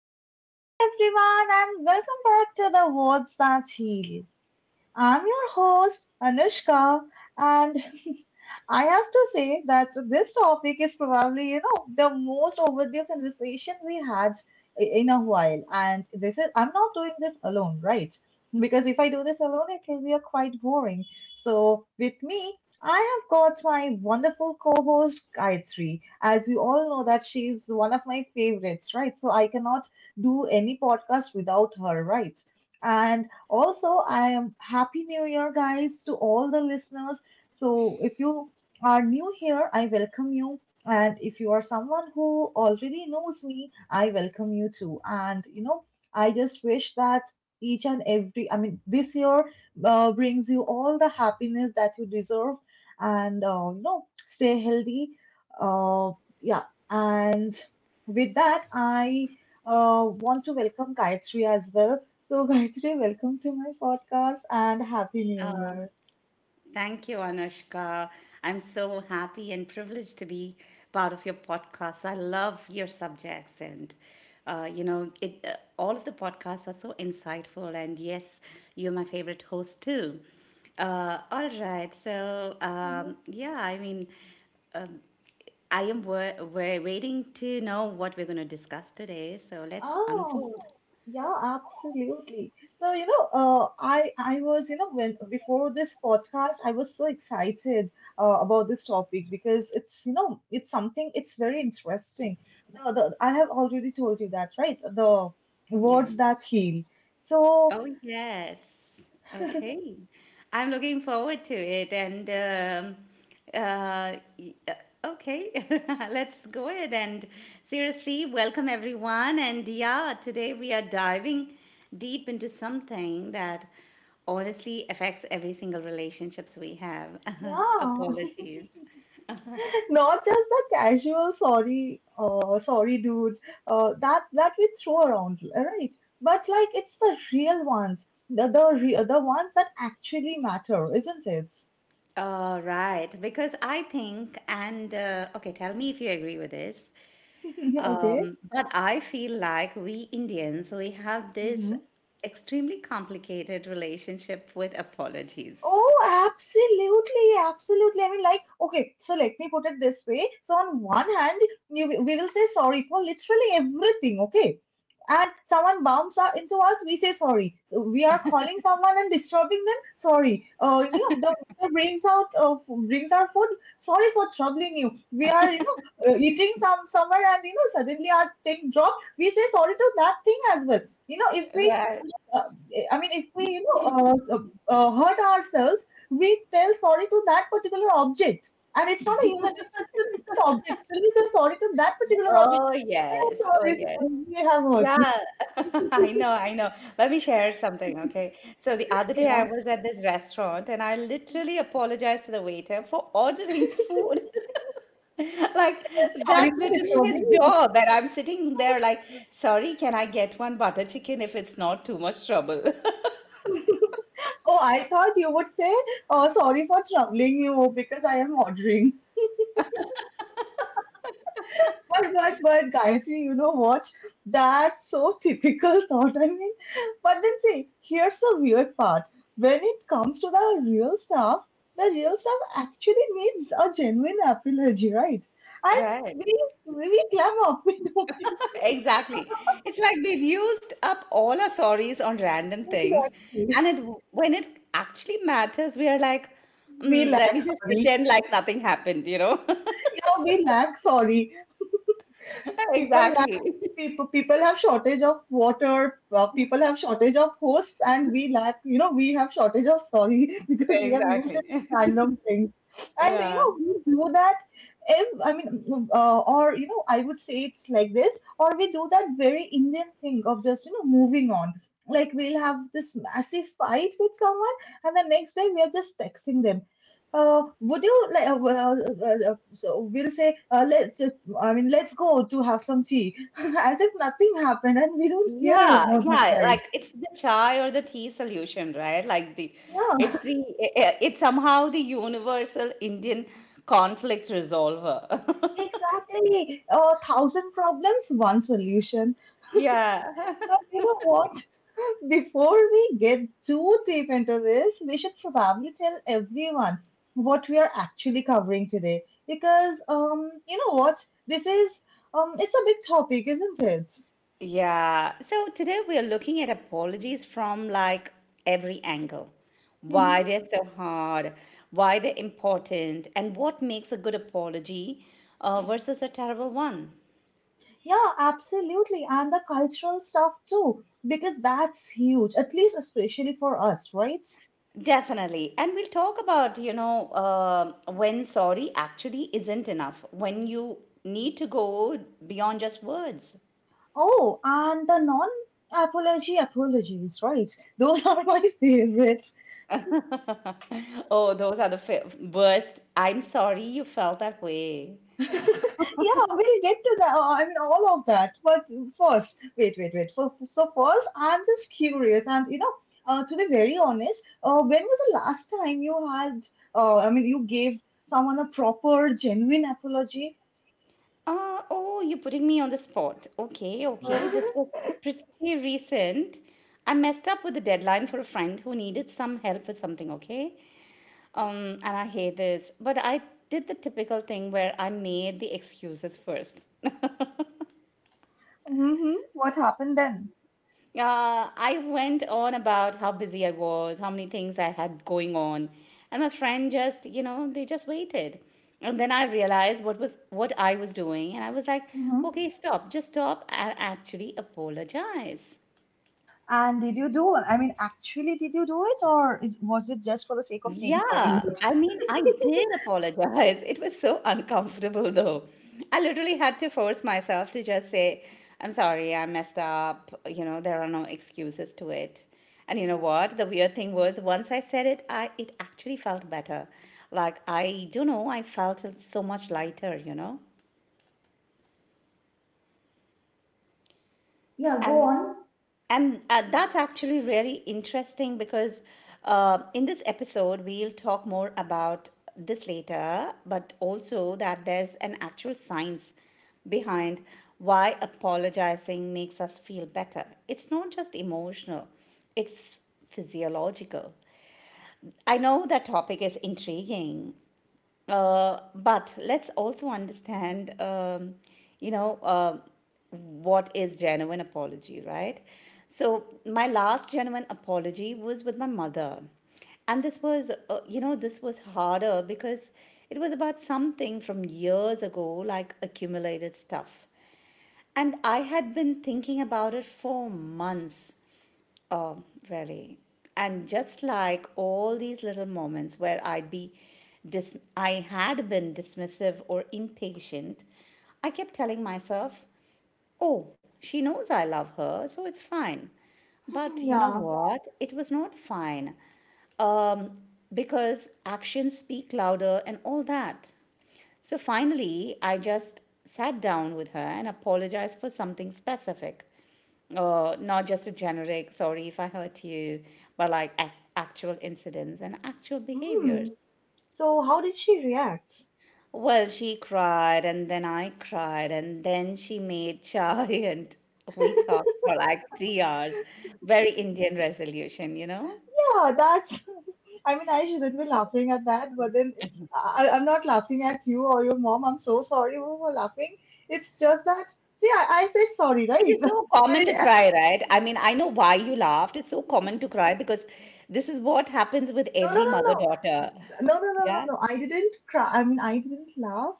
Hello, everyone, and welcome back to the Words That Heal. I'm your host, Anushka, and I have to say that this topic is probably, you know, the most overdue conversation we had in a while. And this is, I'm not doing this alone, right? Because if I do this alone, it will be a quite boring. So with me, I have got my wonderful co-host Gayatri. As you all know that she's one of my favorites, right? So I cannot do any podcast without her, right? And also, I am happy new year, guys, to all the listeners. So, if you are new here, I welcome you. And if you are someone who already knows me, I welcome you too. And you know, I just wish that each and every, I mean, this year brings you all the happiness that you deserve. And you know, stay healthy. Uh, yeah. And with that, I want to welcome Gayatri as well. So, Gayatri, welcome to my podcast and Happy New Year. Thank you, Anushka. I'm so happy and privileged to be part of your podcast. I love your subjects, and you know, all of the podcasts are so insightful. And yes, you're my favorite host too. All right, so Mhm. Yeah, I mean, I am waiting to know what we're going to discuss today. So let's Oh, unfold. yeah, absolutely. So, you know, I was, you know, when before this podcast, I was so excited about this topic because it's, you know, it's something it's very interesting. I have already told you that, right? The Yeah. words that heal. So, Oh, yes. Okay. I'm looking forward to it. Um, uh, y- uh, okay, let's go ahead and seriously welcome everyone. And yeah, today we are diving deep into something that honestly affects every single relationships we have. yeah. Apologies. Not just the casual sorry, sorry dudes that we throw around, right? But like it's the real ones, the ones that actually matter, isn't it? All right, because I think, and okay, tell me if you agree with this. Okay. But I feel like we Indians, we have this Mm-hmm. extremely complicated relationship with apologies. Oh, absolutely, absolutely. I mean, like, okay, so let me put it this way. So, on one hand, we will say sorry for literally everything, okay? And someone bumps up into us, we say sorry. So we are calling someone and disturbing them, sorry. You know, the waiter brings out brings our food, sorry for troubling you. We are, you know, eating some somewhere and you know suddenly our thing dropped. We say sorry to that thing as well. You know, if we Right. uh, I mean, if we you know uh, uh, hurt ourselves, we tell sorry to that particular object, and it's not a human; it's, not, it's an object. Still, we say sorry to that particular object. Oh, I am yes. Oh, sorry, yes. sorry, we have hurt you. Yeah. I know. I know. Let me share something. Okay. So the other day I Yeah, was at this restaurant and I literally apologized to the waiter for ordering food. Like that's sorry for literally his disturbing you. job. And I'm sitting there like, sorry, can I get one butter chicken if it's not too much trouble? Oh, I thought you would say, "Oh, sorry for troubling you," because I am ordering. But Gayatri, you know what? That's so typical thought. I mean, but then see, here's the weird part. When it comes to the real stuff actually needs a genuine apology, right? And Right. we we clam up. We don't think- Exactly. It's like we've used up all our sorries on random things. Exactly. And when it actually matters, we are like, We mm, let lack me just sorry. pretend like nothing happened? Yeah, we lack sorry. People lack Exactly. people have shortage of water, people have shortage of hosts, and we lack, you know, we have shortage of sorry because we have used Exactly. it in random things. And you Yeah. know we do that, if I mean or you know I would say it's like this, or we do that very Indian thing of just, you know, moving on. Like we'll have this massive fight with someone and the next day we are just texting them, would you like? Well, so we'll say, let's. I mean, let's go to have some tea, as if nothing happened, and we don't care Yeah. about the Yeah. Like price. it's the chai or the tea solution, right? Yeah, It's it's somehow the universal Indian conflict resolver. exactly. A 1,000 problems, one solution. Yeah. But you know what? Before we get too deep into this, we should probably tell everyone what we are actually covering today, because you know what? This is it's a big topic, isn't it? Yeah. So today we are looking at apologies from like every angle. Why they're so hard, why they're important, and what makes a good apology versus a terrible one. Yeah, absolutely. And the cultural stuff too, because that's huge, at least especially for us, right? Definitely. And we'll talk about, you know, when sorry actually isn't enough, when you need to go beyond just words. Oh, and the non apology apologies, right? Those are my favorite. Oh, those are the worst. I'm sorry you felt that way. Yeah, we'll get to that. I mean, all of that. But first, first, I'm just curious. And, you know, to be very honest, when was the last time you had, I mean, you gave someone a proper, genuine apology? Oh, you're putting me on the spot. Okay, okay. This was pretty recent. I messed up with the deadline for a friend who needed some help with something, okay? And I hate this. But I did the typical thing where I made the excuses first. Mm-hmm. What happened then? I went on about how busy I was, how many things I had going on, and my friend just, you know, they just waited. And then I realized what I was doing, and I was like, Mm-hmm. okay, stop, just stop and actually apologize. And did you do I mean, actually, did you do it, or is, was it just for the sake of saying sorry? Yeah, I mean, I did apologize. It was so uncomfortable, though. I literally had to force myself to just say, I'm sorry, I messed up. You know, there are no excuses to it. And you know what? The weird thing was, once I said it, I it actually felt better. Like, I don't know, I felt so much lighter, you know? Yeah, go And on. And that's actually really interesting because in this episode, we'll talk more about this later, but also that there's an actual science behind why apologizing makes us feel better. It's not just emotional, it's physiological. I know that topic is intriguing but let's also understand, you know, what is genuine apology, right? So my last genuine apology was with my mother, and this was, you know, this was harder because it was about something from years ago, like accumulated stuff. And I had been thinking about it for months. Oh really. And just like all these little moments where I'd be I had been dismissive or impatient, I kept telling myself, oh, she knows I love her, so it's fine. But you know Yeah. what? It was not fine. Um, because actions speak louder and all that. So finally, I just sat down with her and apologized for something specific. Not just a generic, sorry if I hurt you, but like actual incidents and actual behaviors. Mm. So, how did she react? Well, she cried, and then I cried, and then she made chai, and we talked for like 3 hours. Very Indian resolution, you know? Yeah, that's. I mean, I shouldn't be laughing at that, but then it's. I'm not laughing at you or your mom. I'm so sorry for laughing. It's just that. See, I said sorry, It right? is so common I. to it- cry, right? I mean, I know why you laughed. It's so common to cry because this is what happens with no, no, every no, mother-daughter. No, no, no, no, Yeah. no. I didn't cry. I mean, I didn't laugh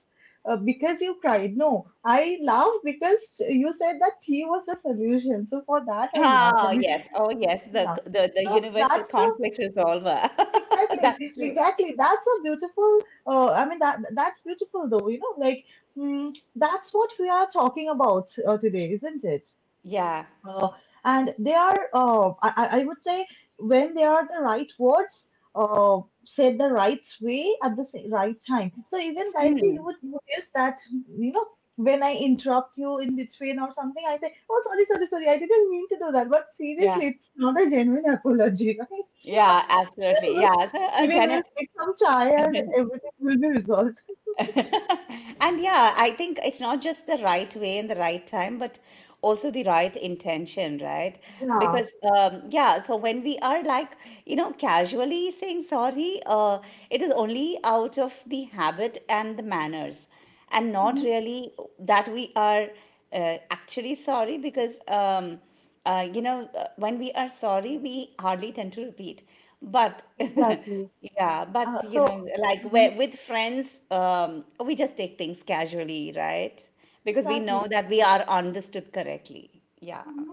because you cried. No, I laughed because you said that he was the solution. So for that, I laughed. I Ah, mean, yes. Oh, yes. The yeah. So universal that's the conflict resolver. exactly, That's true. exactly. That's a beautiful. I mean, that's beautiful though. You know, like mm, that's what we are talking about today, isn't it? Yeah. Uh, and they are, I would say, when they are the right words, said the right way at the right time. So even Gayatri, you would notice that, you know, when I interrupt you in between or something, I say, oh, sorry, sorry, sorry, I didn't mean to do that. But Yeah. seriously, it's not a genuine apology. Yeah, absolutely. Right? Yeah. So a Maybe we'll gener make some chai and everything will be resolved. and yeah, I think it's not just the right way and the right time, but also the right intention, right? Yeah, Because yeah, so when we are like you know casually saying sorry, it is only out of the habit and the manners, and not hmm really that we are actually sorry because. You know, when we are sorry, we hardly tend to repeat. But exactly. yeah, Uh, but you so, know, like mhm, where, with friends, we just take things casually, right? Because we know exactly. that we are understood correctly. Yeah, Mm-hmm.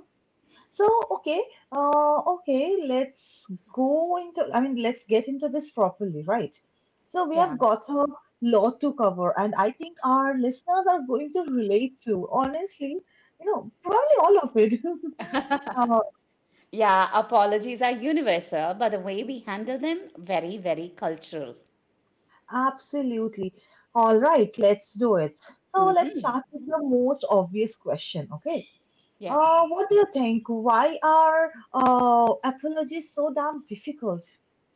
So, okay, I mean, let's get into this properly, right? So, we yeah. have got a lot to cover, and I think our listeners are going to relate to, honestly, you know, probably all of it. Uh, Yeah, apologies are universal, but the way we handle them, very, very cultural. absolutely. All right, let's do it. So, let's start with the most obvious question, okay? Yeah. What do you think? Why are apologies so damn difficult?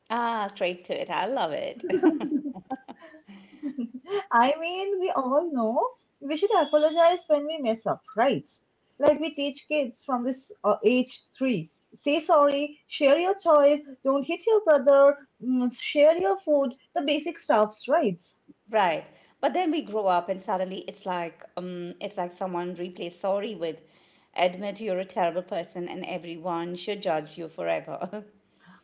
Ah, straight to it. I love it. I mean, we all know we should apologize when we mess up, right? Like we teach kids from this age 3. Say sorry, share your toys, don't hit your brother, mm, share your food, the basic stuffs, right? Right. But then we grow up and suddenly it's like someone replaced sorry with admit you're a terrible person and everyone should judge you forever.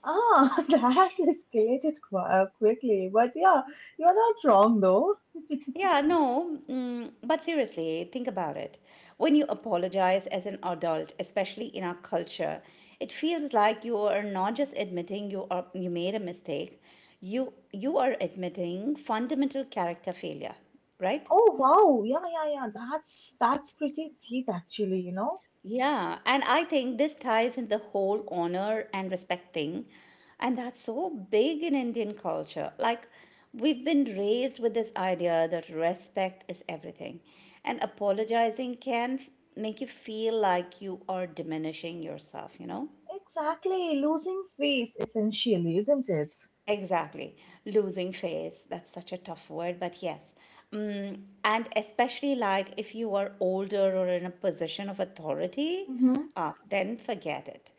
Ah, that escalated quickly. But yeah, you're not wrong though. Yeah, no. Mm, but seriously, think about it. When you apologize as an adult, especially in our culture, it feels like you are not just admitting you made a mistake. You are admitting fundamental character failure, right? Oh wow, yeah, yeah, yeah. That's pretty deep actually, you know? Yeah, and I think this ties in the whole honor and respect thing. And that's so big in Indian culture. Like, we've been raised with this idea that respect is everything. And apologizing can make you feel like you are diminishing yourself, you know? Exactly, losing face essentially, isn't it? Exactly. Losing face, that's such a tough word, but yes. Mm, and especially like if you are older or in a position of authority, Mhm. ah, then forget it.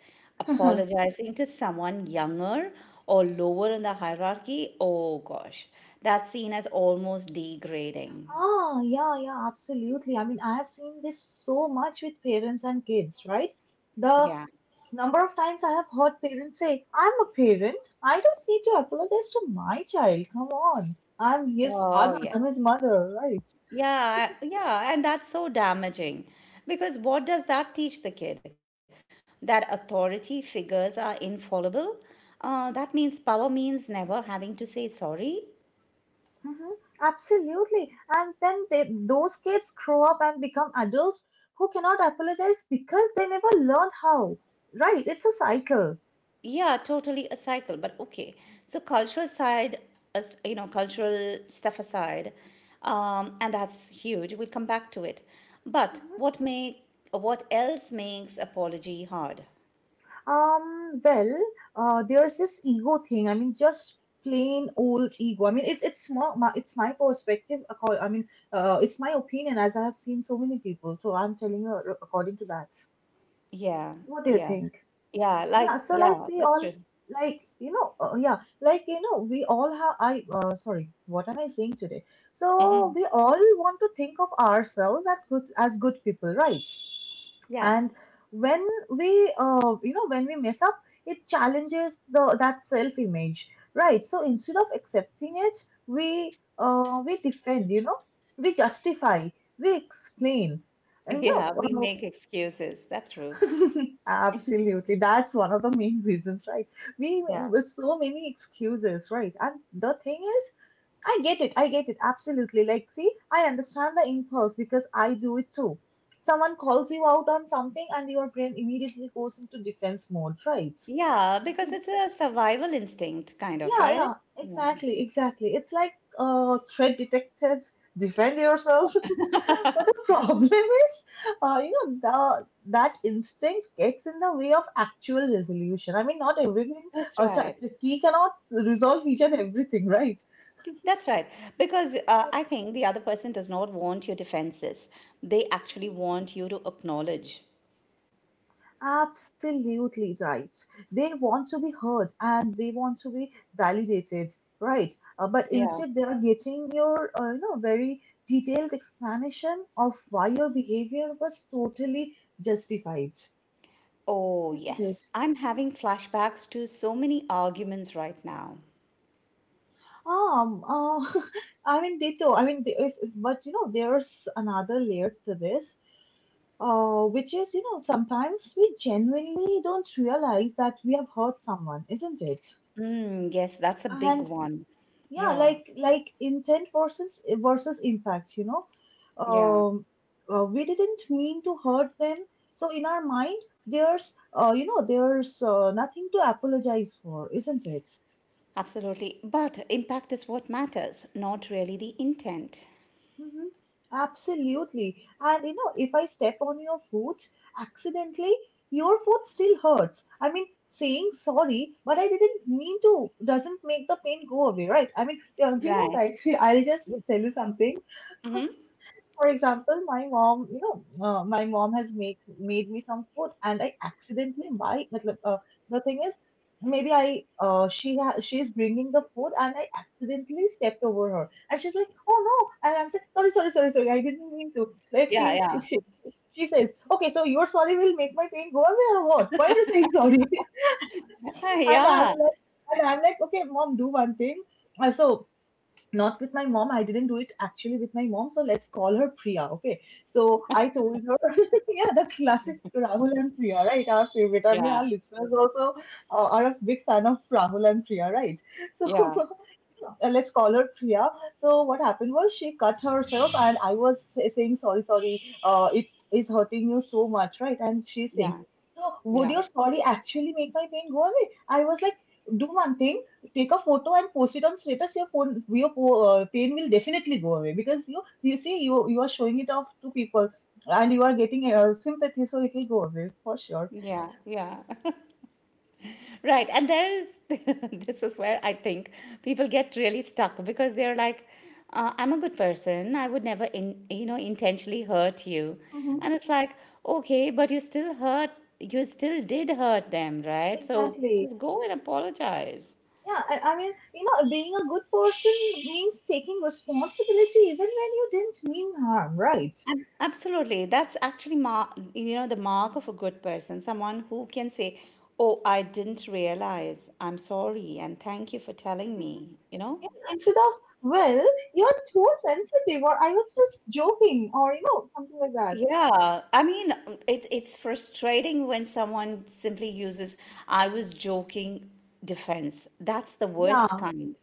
Apologizing to someone younger or lower in the hierarchy, oh gosh, that's seen as almost degrading. Ah, yeah, yeah, absolutely. I mean, I have seen this so much with parents and kids, right? The Yeah. number of times I have heard parents say, I'm a parent. I don't need to apologize to my child. Come on. I'm his Oh, father, yes. I'm his mother, right? Yeah, yeah, and that's so damaging because what does that teach the kid? That authority figures are infallible. That means power means never having to say sorry. Mhm. Absolutely. And then those kids grow up and become adults who cannot apologize because they never learn how. Right? It's a cycle. Yeah, totally a cycle, but okay. So cultural side, you know, cultural stuff aside, and that's huge. We'll come back to it. But Mhm. What else makes apology hard? Um, well, there's this ego thing. I mean, just plain old ego. I mean, it's more, it's my perspective. I mean, it's my opinion as I have seen so many people. So I'm telling you according to that. Yeah, What do you yeah, think? yeah. Like Yeah, so like yeah, we that's all true. We all have I sorry what am I saying today? Hmm. So we all want to think of ourselves as good people, right? Yeah. And when we you know when we mess up, it challenges the that self-image, right? So instead of accepting it, we defend, you know, we justify, we explain, and no, Yeah, we make excuses. That's true. Absolutely. That's one of the main reasons, right? We Yeah. with so many excuses, right? And the thing is, I get it. I get it. Absolutely. Like, see, I understand the impulse because I do it too. Someone calls you out on something and your brain immediately goes into defense mode, right? Yeah, because it's a survival instinct, kind of, Yeah, right? yeah, Yeah, exactly, exactly. It's like threat detected, defend yourself. But the problem is, you know, the that instinct gets in the way of actual resolution. I mean, not everything. that's right. Tea cannot resolve each and everything, right? That's right. Because I think the other person does not want your defenses. They actually want you to acknowledge. Absolutely right. They want to be heard and they want to be validated, right? But Yeah. instead, they are getting your, you know, very detailed explanation of why your behavior was totally justified, Oh, isn't it? yes. I'm having flashbacks to so many arguments right now. Um, uh, I mean, they do. I mean, they, if, but you know, there's another layer to this, which is, you know, sometimes we genuinely don't realize that we have hurt someone, isn't it? Mm, yes, that's a big And one. yeah, Yeah, like intent versus impact, you know, yeah, um, we didn't mean to hurt them, so in our mind, there's nothing to apologize for, isn't it? absolutely. But impact is what matters, not really the intent. Mhm. Absolutely. And you know, if I step on your foot accidentally, your foot still hurts. I mean, saying sorry, but I didn't mean to, doesn't make the pain go away, right? I mean, do you know, Right. guys, I'll just tell you something. Mm-hmm. For example, my mom, you know, my mom has make made me some food, and I accidentally buy. Matlab, the thing is, maybe I she she is bringing the food, and I accidentally stepped over her, and she's like, "Oh no!" And I'm saying, "Sorry, sorry, sorry, sorry. I didn't mean to." Like Yeah, she's yeah. she she says, "Okay, so your sorry will make my pain go away or what? Why are you saying sorry?" and I'm Yeah, like, and I'm like, "Okay, mom, do one thing." So not with my mom. I didn't do it actually with my mom. So let's call her Priya. Okay. So I told her, yeah, the classic Rahul and Priya, right? Our favorite. I mean, yeah, our listeners also are a big fan of Rahul and Priya, right? So yeah, let's call her Priya. So what happened was she cut herself, and I was saying sorry, sorry. It is hurting you so much, right? And she's saying, yeah, so would yeah, your sorry actually make my pain go away? I was like, do one thing, take a photo and post it on status. Your pain will definitely go away because you see you are showing it off to people, and you are getting sympathy, so it will go away for sure. yeah, yeah. Right. And there is, this is where I think people get really stuck because they're like, I'm a good person. I would never, in, you know, intentionally hurt you. Hmm. And it's like, okay, but you still hurt, you still did hurt them, right? So Exactly. just go and apologize. Yeah, and I mean, you know, being a good person means taking responsibility even when you didn't mean harm, right? Absolutely. That's actually you know the mark of a good person, someone who can say, "Oh, I didn't realize. I'm sorry and thank you for telling Mhm. me." You know? Yeah, instead of, well, you're too sensitive, or I was just joking, or, you know, something like that. Yeah. I mean, it's frustrating when someone simply uses "I was joking" defense. That's the worst Yeah, kind.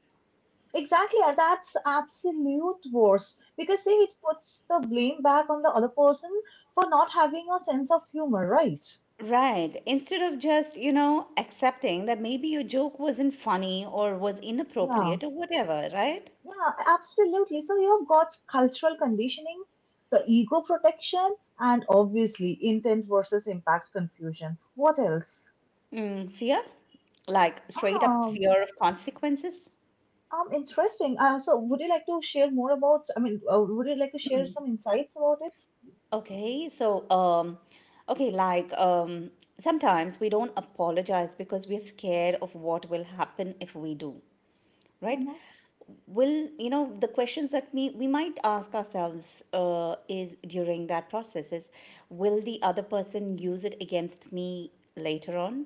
exactly. and That's absolute worst. Because, see, it puts the blame back on the other person for not having a sense of humor, right? Right. Instead of just, you know, accepting that maybe your joke wasn't funny or was Yeah. inappropriate or whatever, right? Yeah, absolutely. So you've got cultural conditioning, the ego protection, and obviously intent versus impact confusion. What else? Mm, fear? Like straight up Um, fear of consequences? Interesting. So would you like to share more about, I mean, would you like to share some insights about it? Okay, so okay, sometimes we don't apologize because we're scared of what will happen if we do. Right. Mm-hmm, will You know, the questions that we might ask ourselves is during that process is, will the other person use it against me later on,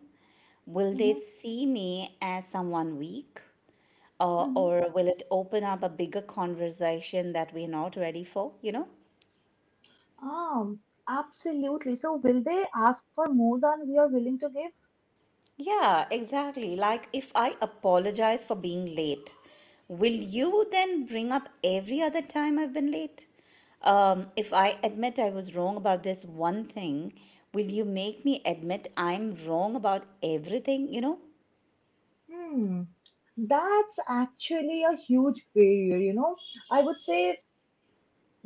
will they mm-hmm, see me as someone weak, mm-hmm. or will it open up a bigger conversation that we're not ready for, you know? Um, absolutely. So will they ask for more than we are willing to give? Yeah, exactly. Like if I apologize for being late, will you then bring up every other time I've been late? If I admit I was wrong about this one thing, will you make me admit I'm wrong about everything, you know? Hmm. That's actually a huge barrier, you know. I would say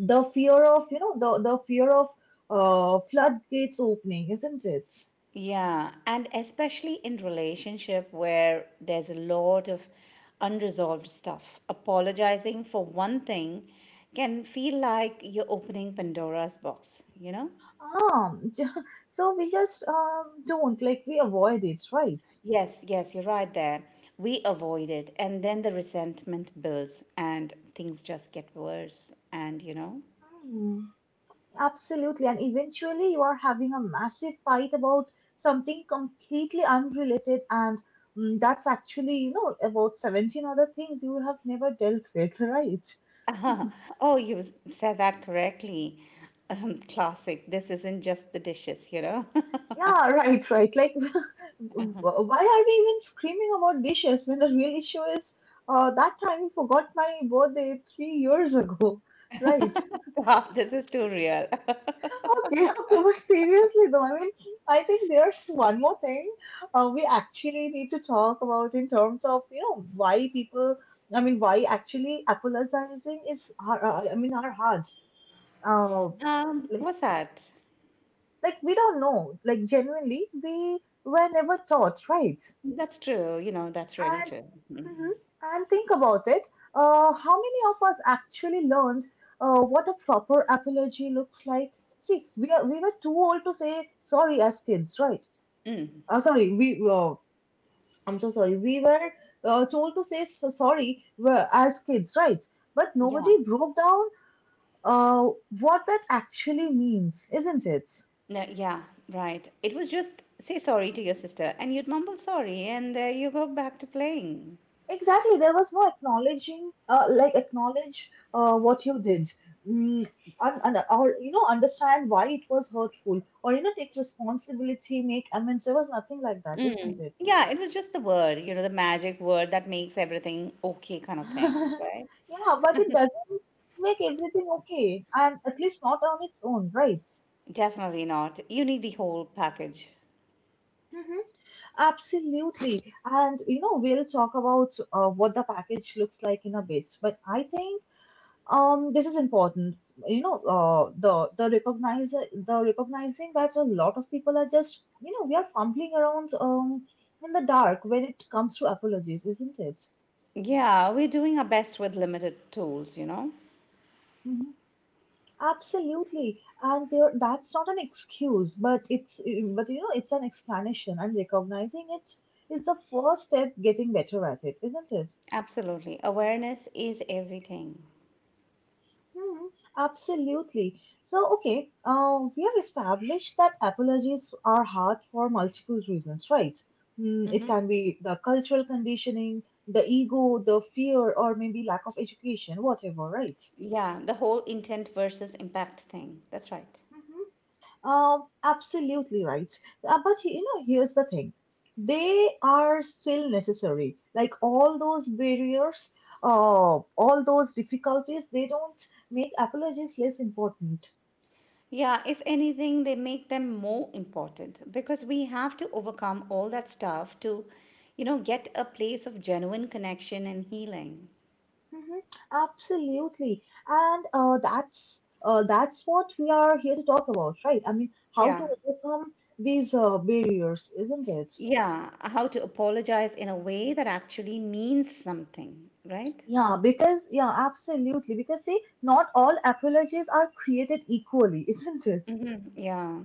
the fear of, you know, the fear of floodgates opening, isn't it? Yeah, and especially in relationship where there's a lot of unresolved stuff. Apologizing for one thing can feel like you're opening Pandora's box, you know? Ah, so we just don't, like, we avoid it, right? Yes, yes, you're right there. We avoid it, and then the resentment builds, and things just get worse. And you know, Hmm, absolutely. And eventually you are having a massive fight about something completely unrelated and that's actually, you know, about 17 other things you have never dealt with, right? uh oh, you said that correctly. Classic. This isn't just the dishes, you know. Yeah, right, right. Like why are we even screaming about dishes when the real issue is that time you forgot my birthday 3 years ago, right? Stop, this is too real. Okay, okay, but seriously though, I mean, I think there's one more thing we actually need to talk about in terms of, you know, why people, I mean, why actually apologizing is, I mean, our hard. Uh, like, What's that? like, we don't know, like, genuinely, we were never taught, right? That's true. You know, that's really And true. mhm, and think about it. How many of us actually learned what a proper apology looks like? See, we were too old to say sorry as kids, right? Sorry, we I'm so sorry. We were told to say so sorry as kids, right? But Yeah. nobody broke down uh, what that actually means, isn't it? No, yeah, right. It was just say sorry to your sister, and you'd mumble sorry, and you go back to playing. Exactly, there was no acknowledging, like acknowledge what you did, mm, or you know, understand why it was hurtful, or you know, take responsibility, make amends. There was nothing like that, isn't it? Yeah, it was just the word, the magic word that makes everything okay kind of thing, right? yeah, but it doesn't make everything okay, and at least not on its own, right? Definitely not. You need the whole package. Mhm. Absolutely. And you know, we'll talk about what the package looks like in a bit, but I think this is important. You know, the recognize the recognizing that a lot of people are just, you know, we are fumbling around in the dark when it comes to apologies, isn't it? Yeah, we're doing our best with limited tools, you know? Hmm. Absolutely, and there that's not an excuse, but it's, but you know, it's an explanation, and recognizing it is the first step getting better at it, isn't it? Absolutely. Awareness is everything. Mhm, absolutely. So, okay, we have established that apologies are hard for multiple reasons, right? Mm, it can be the cultural conditioning, the ego, the fear, or maybe lack of education, whatever, right? Yeah, the whole intent versus impact thing. That's right. Mhm. Absolutely right. But you know, here's the thing. They are still necessary. Like all those barriers, uh, all those difficulties, they don't make apologies less important. Yeah, if anything, they make them more important because we have to overcome all that stuff to, get a place of genuine connection and healing. Mhm, absolutely, and that's what we are here to talk about, right? I mean, how Yeah. to overcome these barriers, isn't it? Yeah, how to apologize in a way that actually means something, right? Yeah, because yeah, absolutely. Because see, not all apologies are created equally, isn't it? Hmm. Yeah.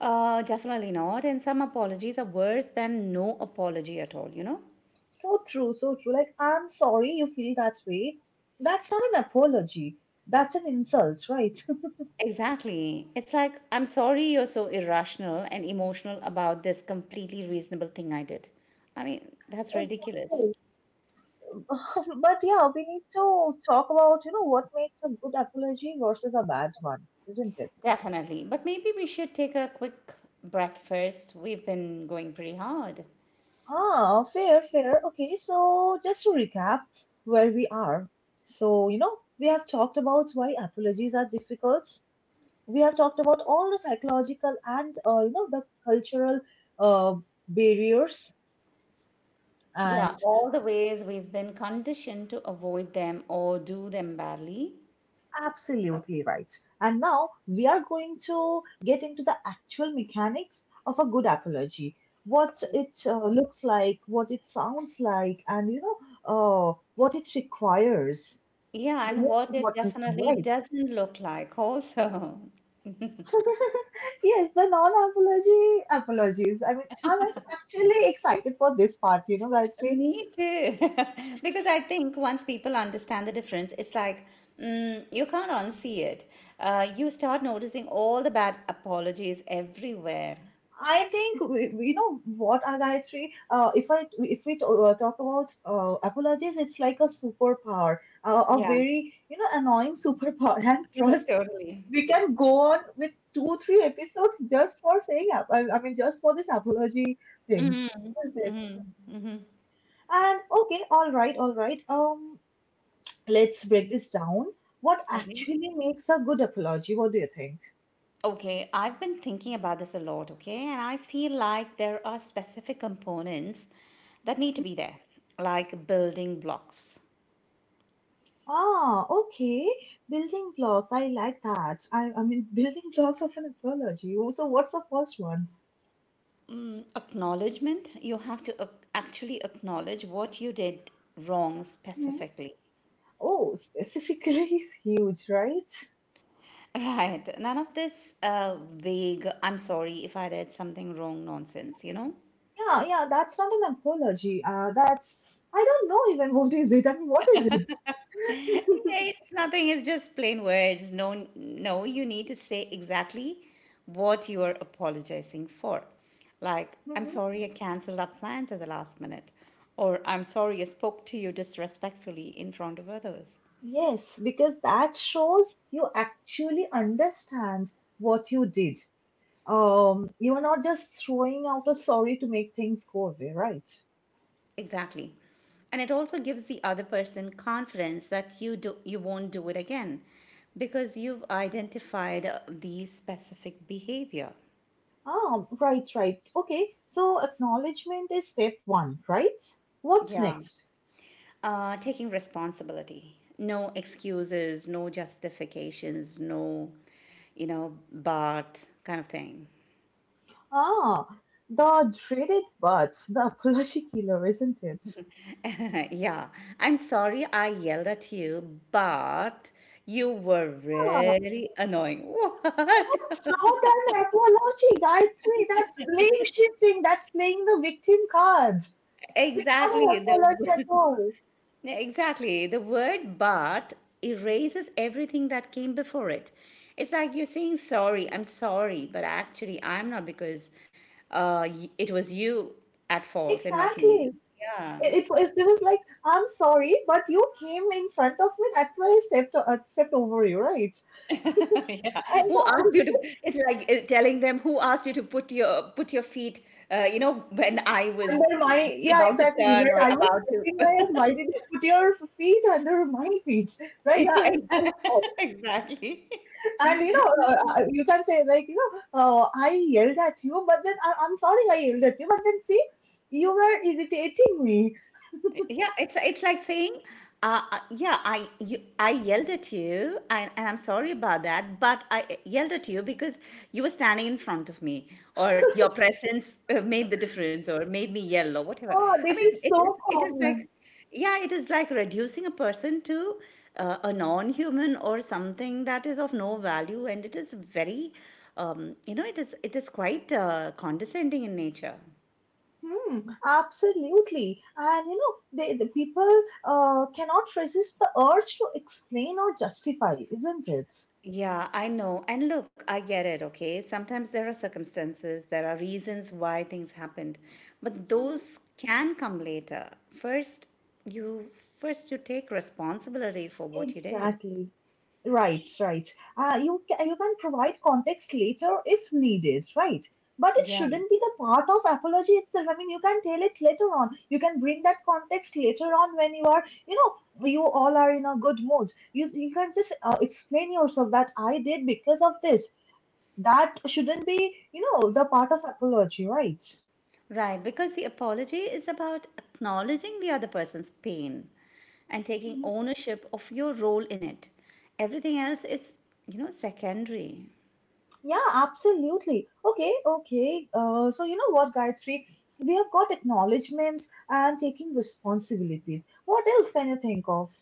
Definitely not. And some apologies are worse than no apology at all, you know? So true, so true. Like, I'm sorry you feel that way. That's not an apology. That's an insult, right? Exactly. It's like, I'm sorry you're so irrational and emotional about this completely reasonable thing I did. I mean, that's ridiculous. Exactly. But yeah, we need to talk about, you know, what makes a good apology versus a bad one, isn't it? Definitely. But maybe we should take a quick breath first. We've been going pretty hard. Ah, fair, fair. Okay, so just to recap where we are. So, you know, we have talked about why apologies are difficult. We have talked about all the psychological and, you know, the cultural uh, barriers. Yeah, And all the ways we've been conditioned to avoid them or do them badly. absolutely right. And now we are going to get into the actual mechanics of a good apology. What it looks like, what it sounds like, and, you know, what it requires. Yeah, The and most what it important thing, definitely right? doesn't look like, also. Yes, the non-apology apologies. I mean, I'm actually excited for this part, you know, Gayatri. Me too. Because I think once people understand the difference, it's like you can't unsee it. You start noticing all the bad apologies everywhere. I think you know what, Gayatri. Uh, if I if we talk about apologies, it's like a superpower, a Yeah, very, you know, annoying superpower. And trust me, totally. we can go on with 2 3 episodes just for saying I mean just for this apology thing, isn't it? And okay, all right, all right. Let's break this down. What Okay. actually makes a good apology? What do you think? Okay, I've been thinking about this a lot, okay? And I feel like there are specific components that need Mhm. to be there, like building blocks. Ah, okay. Building blocks. I like that. I mean, building blocks of an apology. So, what's the first one? Mm, acknowledgement, you have to actually acknowledge what you did wrong Mhm. specifically. Oh, specifically is huge, right? Right, none of this vague, I'm sorry if I did something wrong nonsense, you know? Yeah, yeah, that's not an apology. That's, I don't know even what is it. I mean, what is it? Yeah, it's nothing, it's just plain words. No, no, you need to say exactly what you're apologizing for. Like, I'm Mhm. sorry I canceled our plans at the last minute. Or, I'm sorry I spoke to you disrespectfully in front of others. Yes, because that shows you actually understand what you did. You are not just throwing out a sorry to make things go away, right? Exactly. And it also gives the other person confidence that you, do, you won't do it again because you've identified the specific behavior. Ah, right, right. Okay, so acknowledgement is step one, right? What's Yeah. next? Taking responsibility. No excuses, no justifications, no, you know, but kind of thing. Ah, the dreaded but, the apology killer, isn't it? Yeah. I'm sorry I yelled at you, but you were Ah, really annoying. What? it's not an apology, guy three. That's blame shifting. That's playing the victim card. It's not an Exactly. apology The at all. Yeah, exactly. The word but erases everything that came before it. It's like you're saying sorry, I'm sorry, but actually I'm not because it was you at fault and not me. Exactly. Yeah. It was like, I'm sorry, but you came in front of me. That's why I stepped over you, right? Yeah. And, Who asked and you this to? is It's like telling them who asked you to put your feet. You know when I was under my yeah, about to exactly. turn When or I was about stepping ahead, to. why did you put your feet under my feet, right? So Yeah, it's so fault. exactly. And you know, you can say like, you know, I yelled at you, but then I, I'm sorry, I yelled at you, but then see, you were irritating me. Yeah, it's like saying, yeah, I yelled at you, and I'm sorry about that, but I yelled at you because you were standing in front of me, or your presence made the difference, or made me yell, or whatever. Oh, I this mean, is so it is like, common. yeah, it is like reducing a person to a non-human or something that is of no value, and it is very, you know, it is quite condescending in nature. Hmm, absolutely. And you know, the people cannot resist the urge to explain or justify, isn't it? Yeah, I know. And look, I get it, okay? Sometimes there are circumstances, there are reasons why things happened, but Hmm. those can come later. First, you you take responsibility for what you did. Exactly. Right, right. You can provide context later if needed, right? But it Yeah. shouldn't be the part of apology itself. I mean, you can tell it later on. You can bring that context later on when you are, you know, you all are in a good mood. You can just explain yourself that I did because of this. That shouldn't be, you know, the part of apology, right? Right, because the apology is about acknowledging the other person's pain and taking Mhm. ownership of your role in it. Everything else is, you know, secondary. Yeah, absolutely. Okay, okay. So you know what, Gayatri? We have got acknowledgements and taking responsibilities. What else can you think of?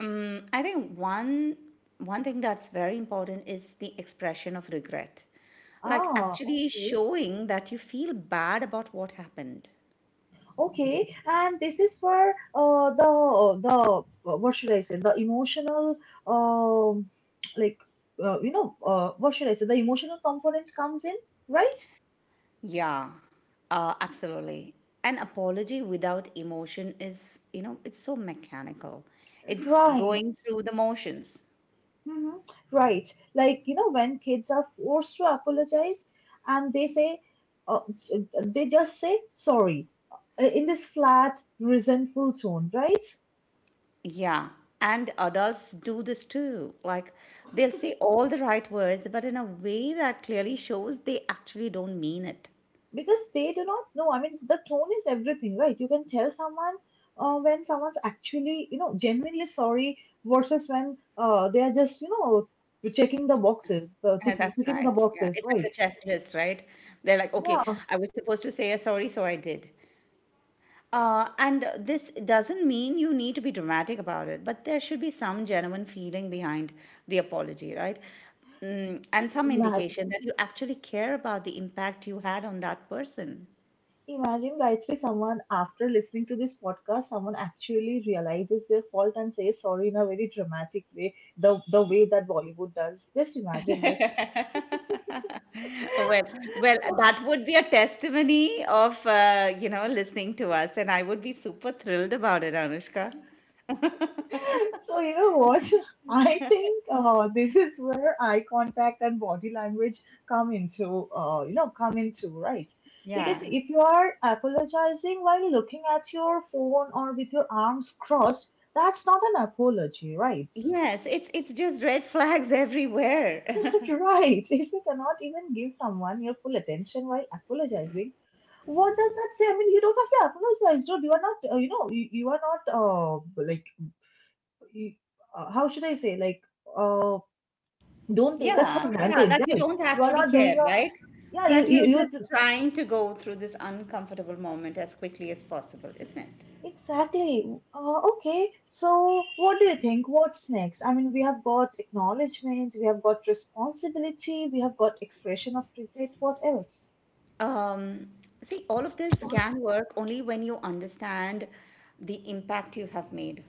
Mm, I think one thing that's very important is the expression of regret. Like Ah, actually okay, showing that you feel bad about what happened. okay. And this is for the what should I say? The emotional um like you know what should I say? The emotional component comes in, right? Yeah. Absolutely. An apology without emotion is, you know, it's so mechanical. It's Right. going through the motions. Hmm. Right. Like, you know, when kids are forced to apologize and they say, uh, they just say sorry in this flat, resentful tone, right? Yeah. And adults do this too. Like they'll say all the right words, but in a way that clearly shows they actually don't mean it. Because they do not know. I mean, the tone is everything, right? You can tell someone when someone's actually, you know, genuinely sorry versus when they are just, you know, checking the boxes, That's ticking the right. Yeah, boxes, it's like right? a checklist, right? They're like, okay, Yeah. I was supposed to say a sorry, so I did. And this doesn't mean you need to be dramatic about it, but there should be some genuine feeling behind the apology, right? Mm, and Just some ima- indication that you actually care about the impact you had on that person. Imagine guys, if someone after listening to this podcast, someone actually realizes their fault and says sorry in a very dramatic way, the way that Bollywood does. Just imagine this. Well, well, that would be a testimony of you know listening to us, and I would be super thrilled about it, Anushka. So you know what? I think this is where eye contact and body language come into, come into, right. Because Yeah. if you are apologizing while looking at your phone or with your arms crossed, that's not an apology, right? Yes, it's just red flags everywhere. Right. If you cannot even give someone your full attention while apologizing, what does that say? I mean, you don't have to apologize, dude. You are not, you are not, like, you, how should I say? Like, uh, don't take us for Yeah, yeah, granted, that you right? don't You are actually not care, doing a, right? yeah, That you're just trying to Mhm. go through this uncomfortable moment as quickly as possible, isn't it? Exactly. Okay. So, what do you think? What's next? I mean, we have got acknowledgement, we have got responsibility, we have got expression of regret. What else? Um, See, all of this can work only when you understand the impact you have made,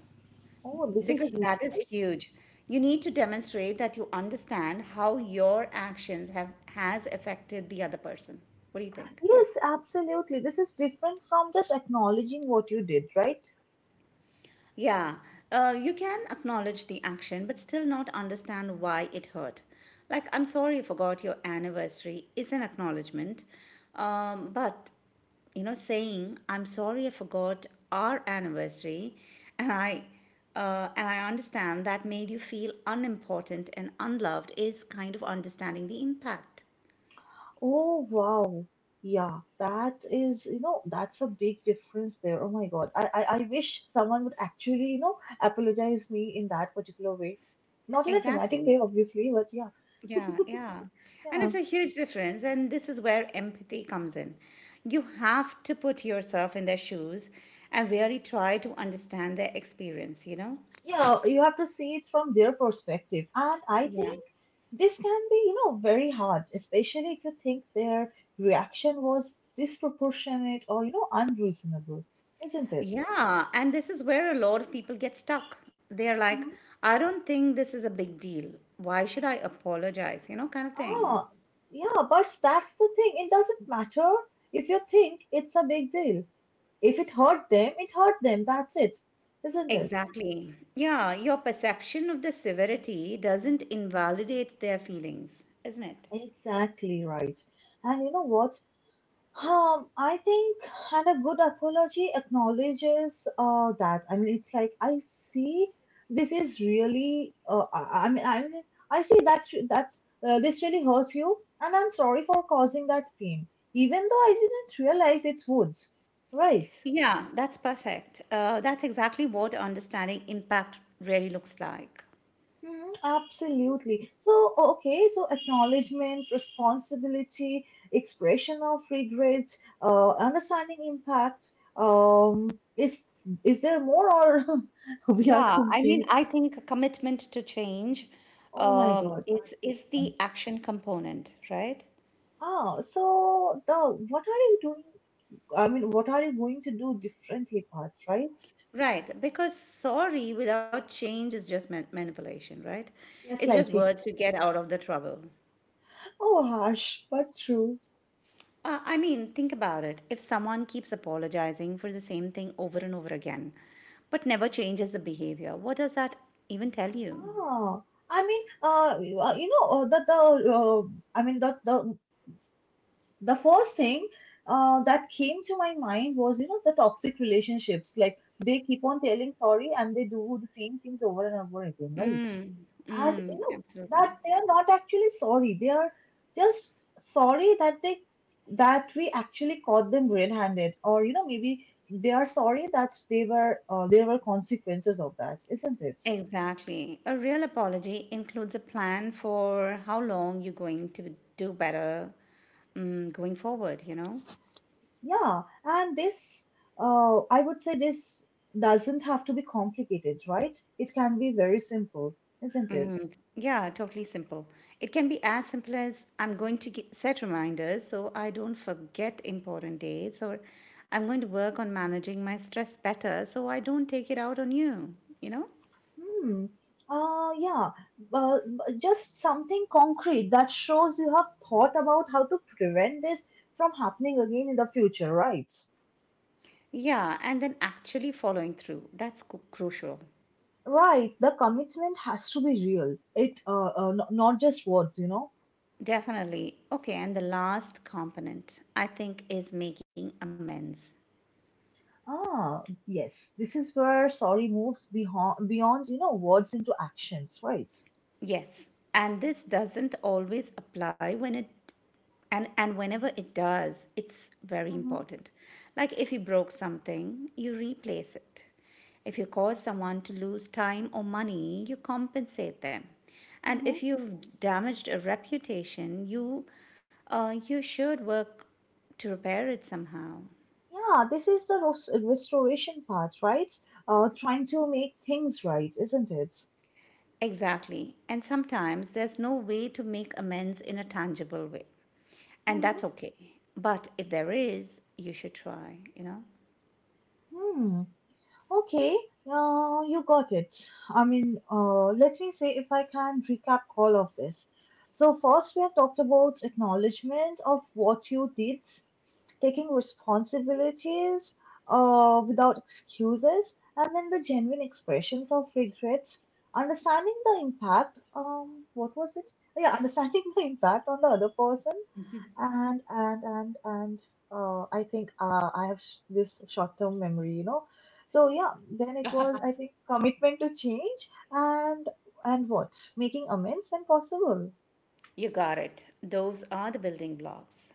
Oh, this because is that is huge. You need to demonstrate that you understand how your actions have has affected the other person. What do you think? Yes, absolutely. This is different from just acknowledging what you did, right? Yeah, you can acknowledge the action but still not understand why it hurt. Like, I'm sorry you forgot your anniversary is an acknowledgement, but you know, saying I'm sorry I forgot our anniversary, and I and I understand that made you feel unimportant and unloved is kind of understanding the impact. Oh, wow. Yeah, that is, you know, that's a big difference there. Oh my God. I wish someone would actually, you know, apologize me in that particular way. Not in a dramatic Exactly. way, obviously, but yeah. Yeah, yeah. And Yeah, it's a huge difference. And this is where empathy comes in. You have to put yourself in their shoes and really try to understand their experience, you know? yeah, you have to see it from their perspective. And I Yeah. think This can be, you know, very hard, especially if you think their reaction was disproportionate or, you know, unreasonable, isn't it? Yeah. And this is where a lot of people get stuck. They're like, Mhm. I don't think this is a big deal. Why should I apologize? You know, kind of thing. Ah, yeah, but that's the thing. It doesn't matter if you think it's a big deal. If it hurt them, it hurt them. That's it, isn't it? Exactly. Yeah. Your perception of the severity doesn't invalidate their feelings, isn't it? Exactly right. And you know what? Um, I think, and a good apology acknowledges that. I mean, it's like I see this is really. I mean, I mean, I see that this really hurt you, and I'm sorry for causing that pain, even though I didn't realize it would. Right? Yeah, that's perfect. That's exactly what understanding impact really looks like. Mhm. Absolutely. So, okay, so acknowledgement, responsibility, expression of regret, understanding impact. Um, is is there more or we are Yeah, I mean, complete? I think commitment to change Oh my um, God, that's is good is one. the action component, right? Ah, so the What are you doing? I mean, what are you going to do differently, part, right? Right, because sorry without change is just manipulation, right? It's just Gaslighting. words to get out of the trouble. Oh, harsh, but true. I mean, think about it. If someone keeps apologizing for the same thing over and over again, but never changes the behavior, what does that even tell you? Ah, I mean, you you know, the uh, I mean, The first thing that came to my mind was, you know, the toxic relationships, like they keep on telling sorry and they do the same things over and over again, right? And you Mm, know absolutely. that they are not actually sorry, they are just sorry that they, that we actually caught them red-handed, or, you know, maybe they are sorry that they were there were consequences of that, isn't it? Exactly. A real apology includes a plan for how long you're going to do better, going forward, you know? Yeah, and this, I would say this doesn't have to be complicated, right? It can be very simple, isn't it? Mm, yeah, totally simple. It can be as simple as I'm going to set reminders so I don't forget important dates, or I'm going to work on managing my stress better so I don't take it out on you, you know? Hmm. Yeah, uh, just something concrete that shows you have thought about how to prevent this from happening again in the future, right? Yeah, and then actually following through. That's crucial. Right, the commitment has to be real. It n- not just words, you know. Definitely. Okay, and the last component I think is making amends. Ah, yes, this is where sorry moves beyond you know words into actions, right? Yes. And this doesn't always apply when it and whenever it does, it's very Mm-hmm. important. Like if you broke something, you replace it. If you cause someone to lose time or money, you compensate them. And Mm-hmm. if you've damaged a reputation, you you should work to repair it somehow. Yeah, this is the restoration part, right? Trying to make things right, isn't it? Exactly. And sometimes there's no way to make amends in a tangible way. And Mm-hmm. that's okay. But if there is, you should try, you know? Hmm. Okay. You got it. I mean, let me see if I can recap all of this. So first, we have talked about acknowledgement of what you did, taking responsibilities without excuses, and then the genuine expressions of regrets, understanding the impact. What was it? Yeah, understanding the impact on the other person, and I think this short-term memory, you know. So yeah, then it was I think commitment to change and and what making amends when possible. You got it. Those are the building blocks.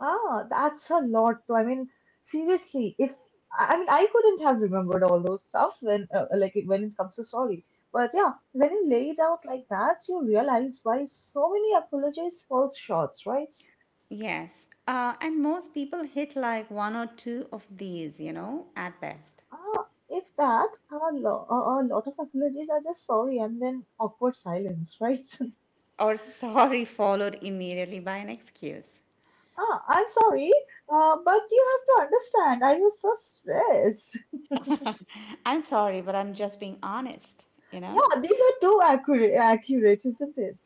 Ah, that's a lot though. I mean, seriously, if I mean, I couldn't have remembered all those stuffs when, like, when it comes to story. But yeah, when you lay it out like that, you realize why so many apologies falls short, right? Yes. And most people hit like one or two of these, you know, at best. Ah, if that, a, lo- a lot of apologies are just sorry and then awkward silence, right? Or sorry, followed immediately by an excuse. ah, I'm sorry, but you have to understand, I was so stressed. I'm sorry, but I'm just being honest, you know? Yeah, these are too accurate, isn't it?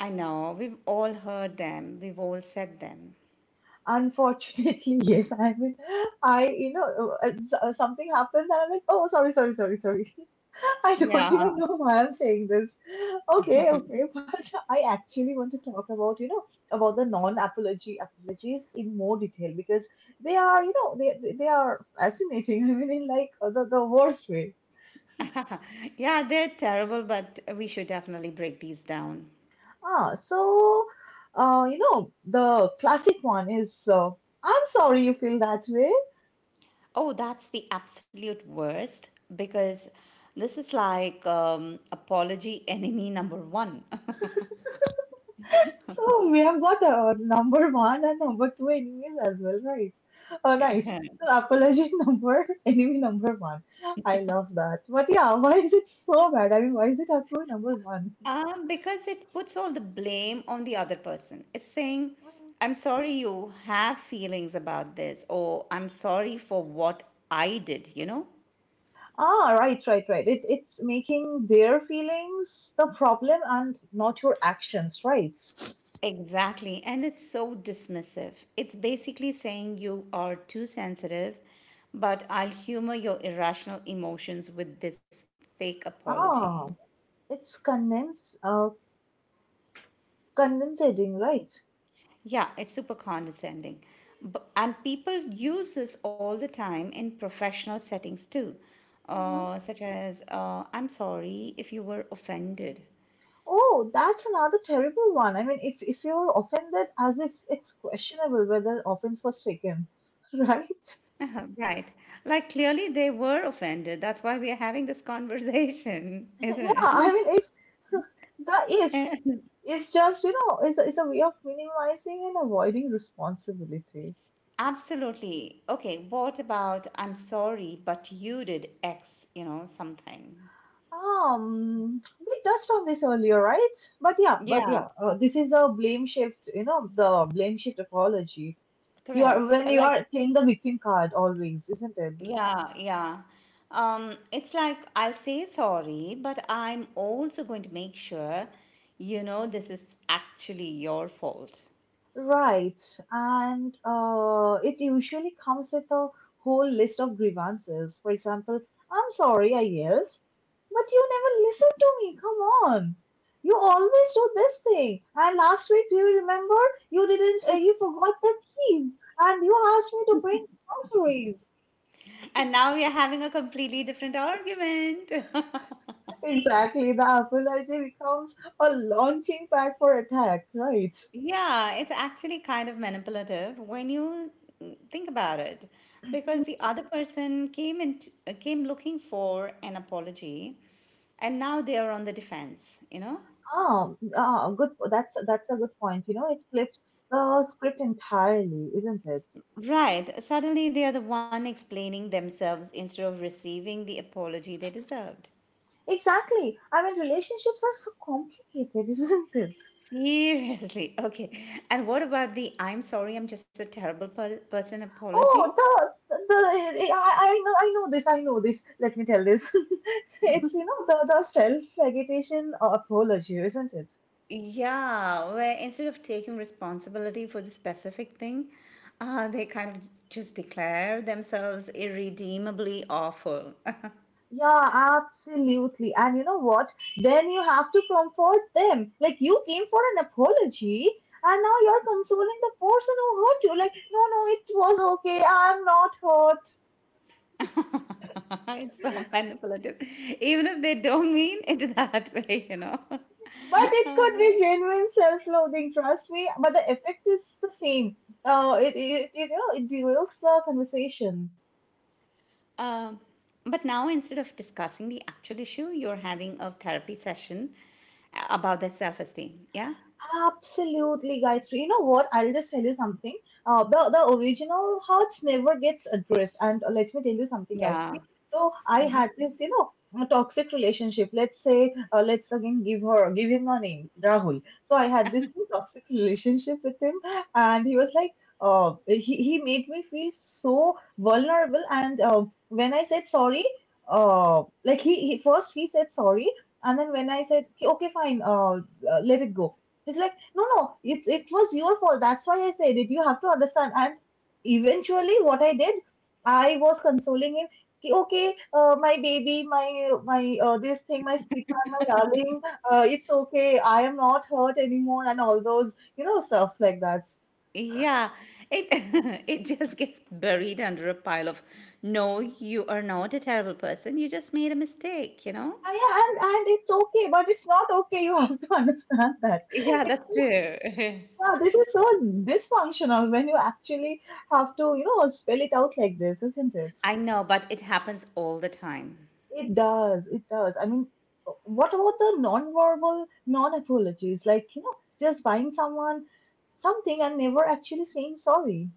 I know, we've all heard them, we've all said them. Unfortunately, yes. I mean, I, you know, something happens and I'm like, oh, sorry, sorry, sorry, sorry. I don't Yeah. even know why I'm saying this. Okay, okay. But I actually want to talk about, you know, about the non-apology apologies in more detail, because they are, you know, they are fascinating. I mean, in like the worst way. Yeah, they're terrible, but we should definitely break these down. Ah, so, you know, the classic one is, I'm sorry you feel that way. Oh, that's the absolute worst because this is like apology enemy number one. So we have got number one and number two enemies as well, right? Oh, nice. So apology number, enemy number one. I love that. But yeah, why is it so bad? I mean, why is it up to number one? Um, because it puts all the blame on the other person. It's saying, Mm. I'm sorry you have feelings about this, or I'm sorry for what I did, you know? Ah, right, right, right. It, it's making their feelings the problem and not your actions, right? Exactly. And it's so dismissive. It's basically saying you are too sensitive, but I'll humor your irrational emotions with this fake apology. Ah, it's condensing, right? Yeah, it's super condescending. And people use this all the time in professional settings too, Mm-hmm. Such as, I'm sorry if you were offended. Oh, that's another terrible one. I mean, if you're offended, as if it's questionable whether offense was taken, right? Uh-huh, right. Like clearly they were offended. That's why we are having this conversation, Yeah, I mean, isn't if the if it? is just, you know, is a way of minimizing and avoiding responsibility. Absolutely. Okay, what about I'm sorry, but you did X, you know, something. We touched on this earlier, right? But Yeah, yeah, this is a blame shift. You know, the blame shift apology. You are correct. when you Like, are playing the victim card always, isn't it? yeah, yeah. It's like I'll say sorry, but I'm also going to make sure you know this is actually your fault. Right, and it usually comes with a whole list of grievances. For example, I'm sorry I yelled, but you never listened to me. Come on. You always do this thing. And last week, do you remember? You didn't, You forgot the keys and you asked me to bring groceries. And now we are having a completely different argument. Exactly, the apology becomes a launching pad for attack, right? Yeah, it's actually kind of manipulative when you think about it, because the other person came in, came looking for an apology, and now they are on the defense, you know? Oh, oh, good. That's a good point. You know, it flips the script entirely, isn't it? Right. Suddenly they are the one explaining themselves instead of receiving the apology they deserved. Exactly. I mean, relationships are so complicated, isn't it? Seriously. Okay. And what about the I'm sorry, I'm just a terrible person apology? Oh, I know, I know this. Let me tell this. It's, you know, the self flagellation apology, isn't it? Yeah, where instead of taking responsibility for the specific thing, they kind of just declare themselves irredeemably awful. Yeah, absolutely. And you know what? Then you have to comfort them. Like you came for an apology and now you're consoling the person who hurt you. Like, no, no, it was okay. I'm not hurt. It's so manipulative, even if they don't mean it that way, you know. But it could be genuine self-loathing, trust me. But the effect is the same. It, it, it You know, it derails the conversation. Um, but now, instead of discussing the actual issue, you're having a therapy session about their self esteem. Yeah? Absolutely, guys. You know what? I'll just tell you something. The original hurt never gets addressed. And let me tell you something, guys. Yeah. So I had this, you know, toxic relationship. Let's say, let's again give her, give him a name, Rahul. So I had this toxic relationship with him, and he was like, he made me feel so vulnerable. And when I said sorry, like he first he said sorry, and then when I said okay, okay, fine, let it go. He's like, no, no, it was your fault. That's why I said it. You have to understand. And eventually, what I did, I was consoling him. "Ki, okay, my baby, my this thing, my sweetheart, my darling, it's okay. I am not hurt anymore," and all those you know stuffs like that. Yeah, it it just gets buried under a pile of no, you are not a terrible person. You just made a mistake, you know? Ah, yeah, and it's okay, but it's not okay. You have to understand that. Yeah, It's that's true. yeah, this is so dysfunctional when you actually have to, you know, spell it out like this, isn't it? I know, but it happens all the time. It does. It does. I mean, what about the non-verbal, non-apologies? Like, you know, just buying someone something and never actually saying sorry.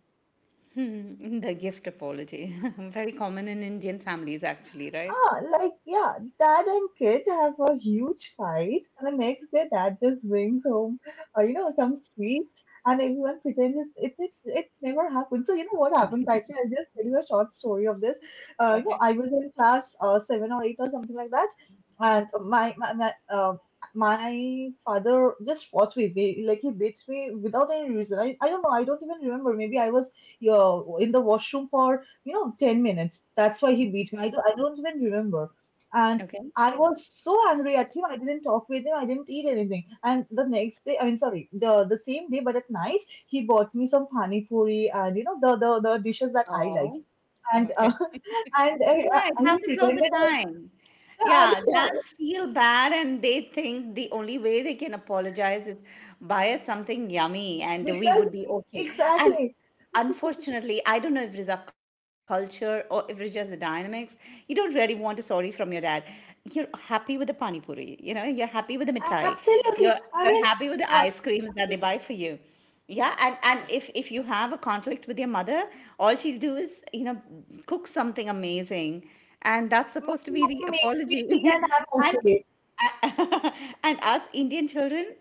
The gift apology. Very common in Indian families actually, right? Ah, like, yeah, dad and kid have a huge fight, and the next day dad just brings home, you know, some sweets, and everyone pretends it never happened. So, you know what happened, Kaitri? I'll just tell you a short story of this. You know, Okay. I was in class seven or eight or something like that, and my father just fought with me, like he beats me without any reason. I don't know, I don't even remember. Maybe I was, yeah, in the washroom for, you know, 10 minutes. That's why he beat me. I don't even remember. And Okay. I was so angry at him. I didn't talk with him. I didn't eat anything. And the next day, I mean, sorry, the same day, but at night, he bought me some pani puri and, you know, the dishes that I like. Oh. And Okay. and Yeah, it he happens all the pretended time. and Yeah, dads feel bad and they think the only way they can apologize is buy us something yummy and we because would be okay. And exactly, unfortunately, I don't know if it is our culture or if it's just the dynamics, you don't really want a sorry from your dad. You're happy with the pani puri, you know, you're happy with the mitai, you're absolutely. you're happy with the uh, ice creams that they buy for you. Yeah, and if you have a conflict with your mother, all she'll do is, you know, cook something amazing. And that's my supposed to be mom the makes me apology. tea and I'm And, okay. and us Indian children,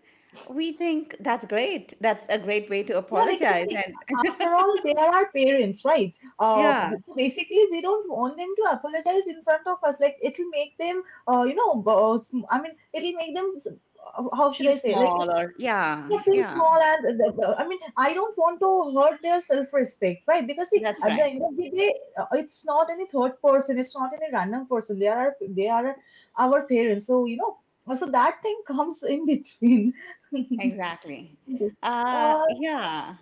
we think that's great. That's a great way to Yeah, because apologize. see, And after all, they are our parents, right? Uh, yeah, so basically, we don't want them to apologize in front of us. Like, it'll make them, uh, you know, go- I mean, it'll make them, how should feel I say, like, small or, yeah, they feel yeah, small. And I mean, I don't want to hurt their self respect, right? Because see, that's at the right. end of the day, it's not any third person, it's not any random person. They are our parents. So, you know, so that thing comes in between. Exactly. Uh, Yeah,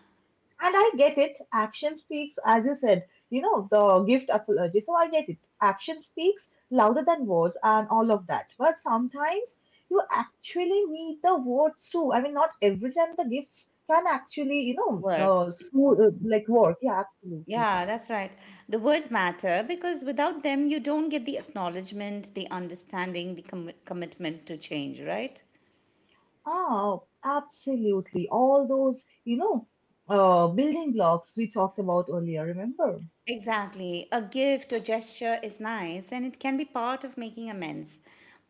and I get it. Action speaks, as you said, you know, the gift apology. So I get it. Action speaks louder than words and all of that. But sometimes you actually need the words too. I mean, not every time the gifts can actually, work. Like work. Yeah, absolutely. Yeah, that's right. The words matter because without them, you don't get the acknowledgement, the understanding, the commitment to change, right? Oh, absolutely. All those, you know, building blocks we talked about earlier, remember? Exactly. A gift or gesture is nice and it can be part of making amends,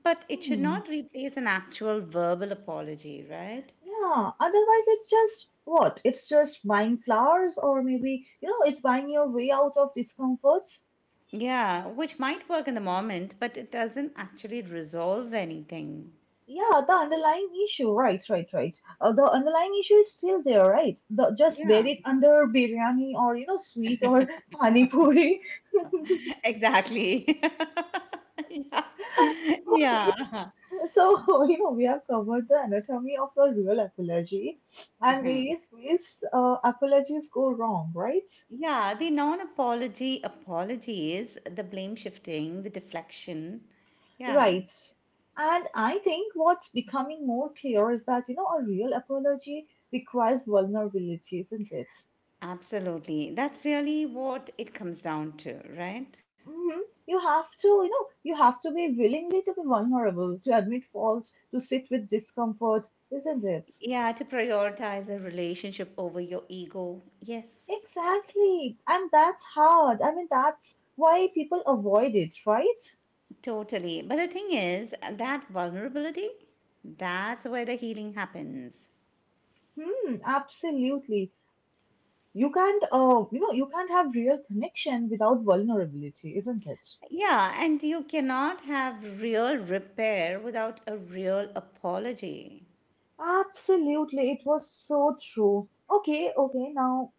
but it should Hmm. not replace an actual verbal apology, right? Yeah, otherwise it's just what? It's just buying flowers or maybe, you know, it's buying your way out of discomfort. Yeah, which might work in the moment, but it doesn't actually resolve anything. Yeah, the underlying issue, right, right, right. The underlying issue is still there, right? The, just Yeah, bury it under biryani or, you know, sweet or pani puri. exactly. yeah. Okay, Yeah. so you know we have covered the anatomy of a real apology and various ways apologies go wrong, right? Yeah, the non apology apology is the blame shifting, the deflection. Yeah, Right. And I think what's becoming more clear is that, you know, a real apology requires vulnerability, isn't it? absolutely. That's really what it comes down to, right? Hmm. You have to, you know, you have to be willingly to be vulnerable, to admit fault, to sit with discomfort, isn't it? Yeah, to prioritize a relationship over your ego. Yes, Exactly. And that's hard. I mean, that's why people avoid it, right? totally. But the thing is, that vulnerability, that's where the healing happens. Hmm, absolutely. You know, you can't have real connection without vulnerability, isn't it? Yeah, and you cannot have real repair without a real apology. Absolutely, it was so true. Okay, okay, now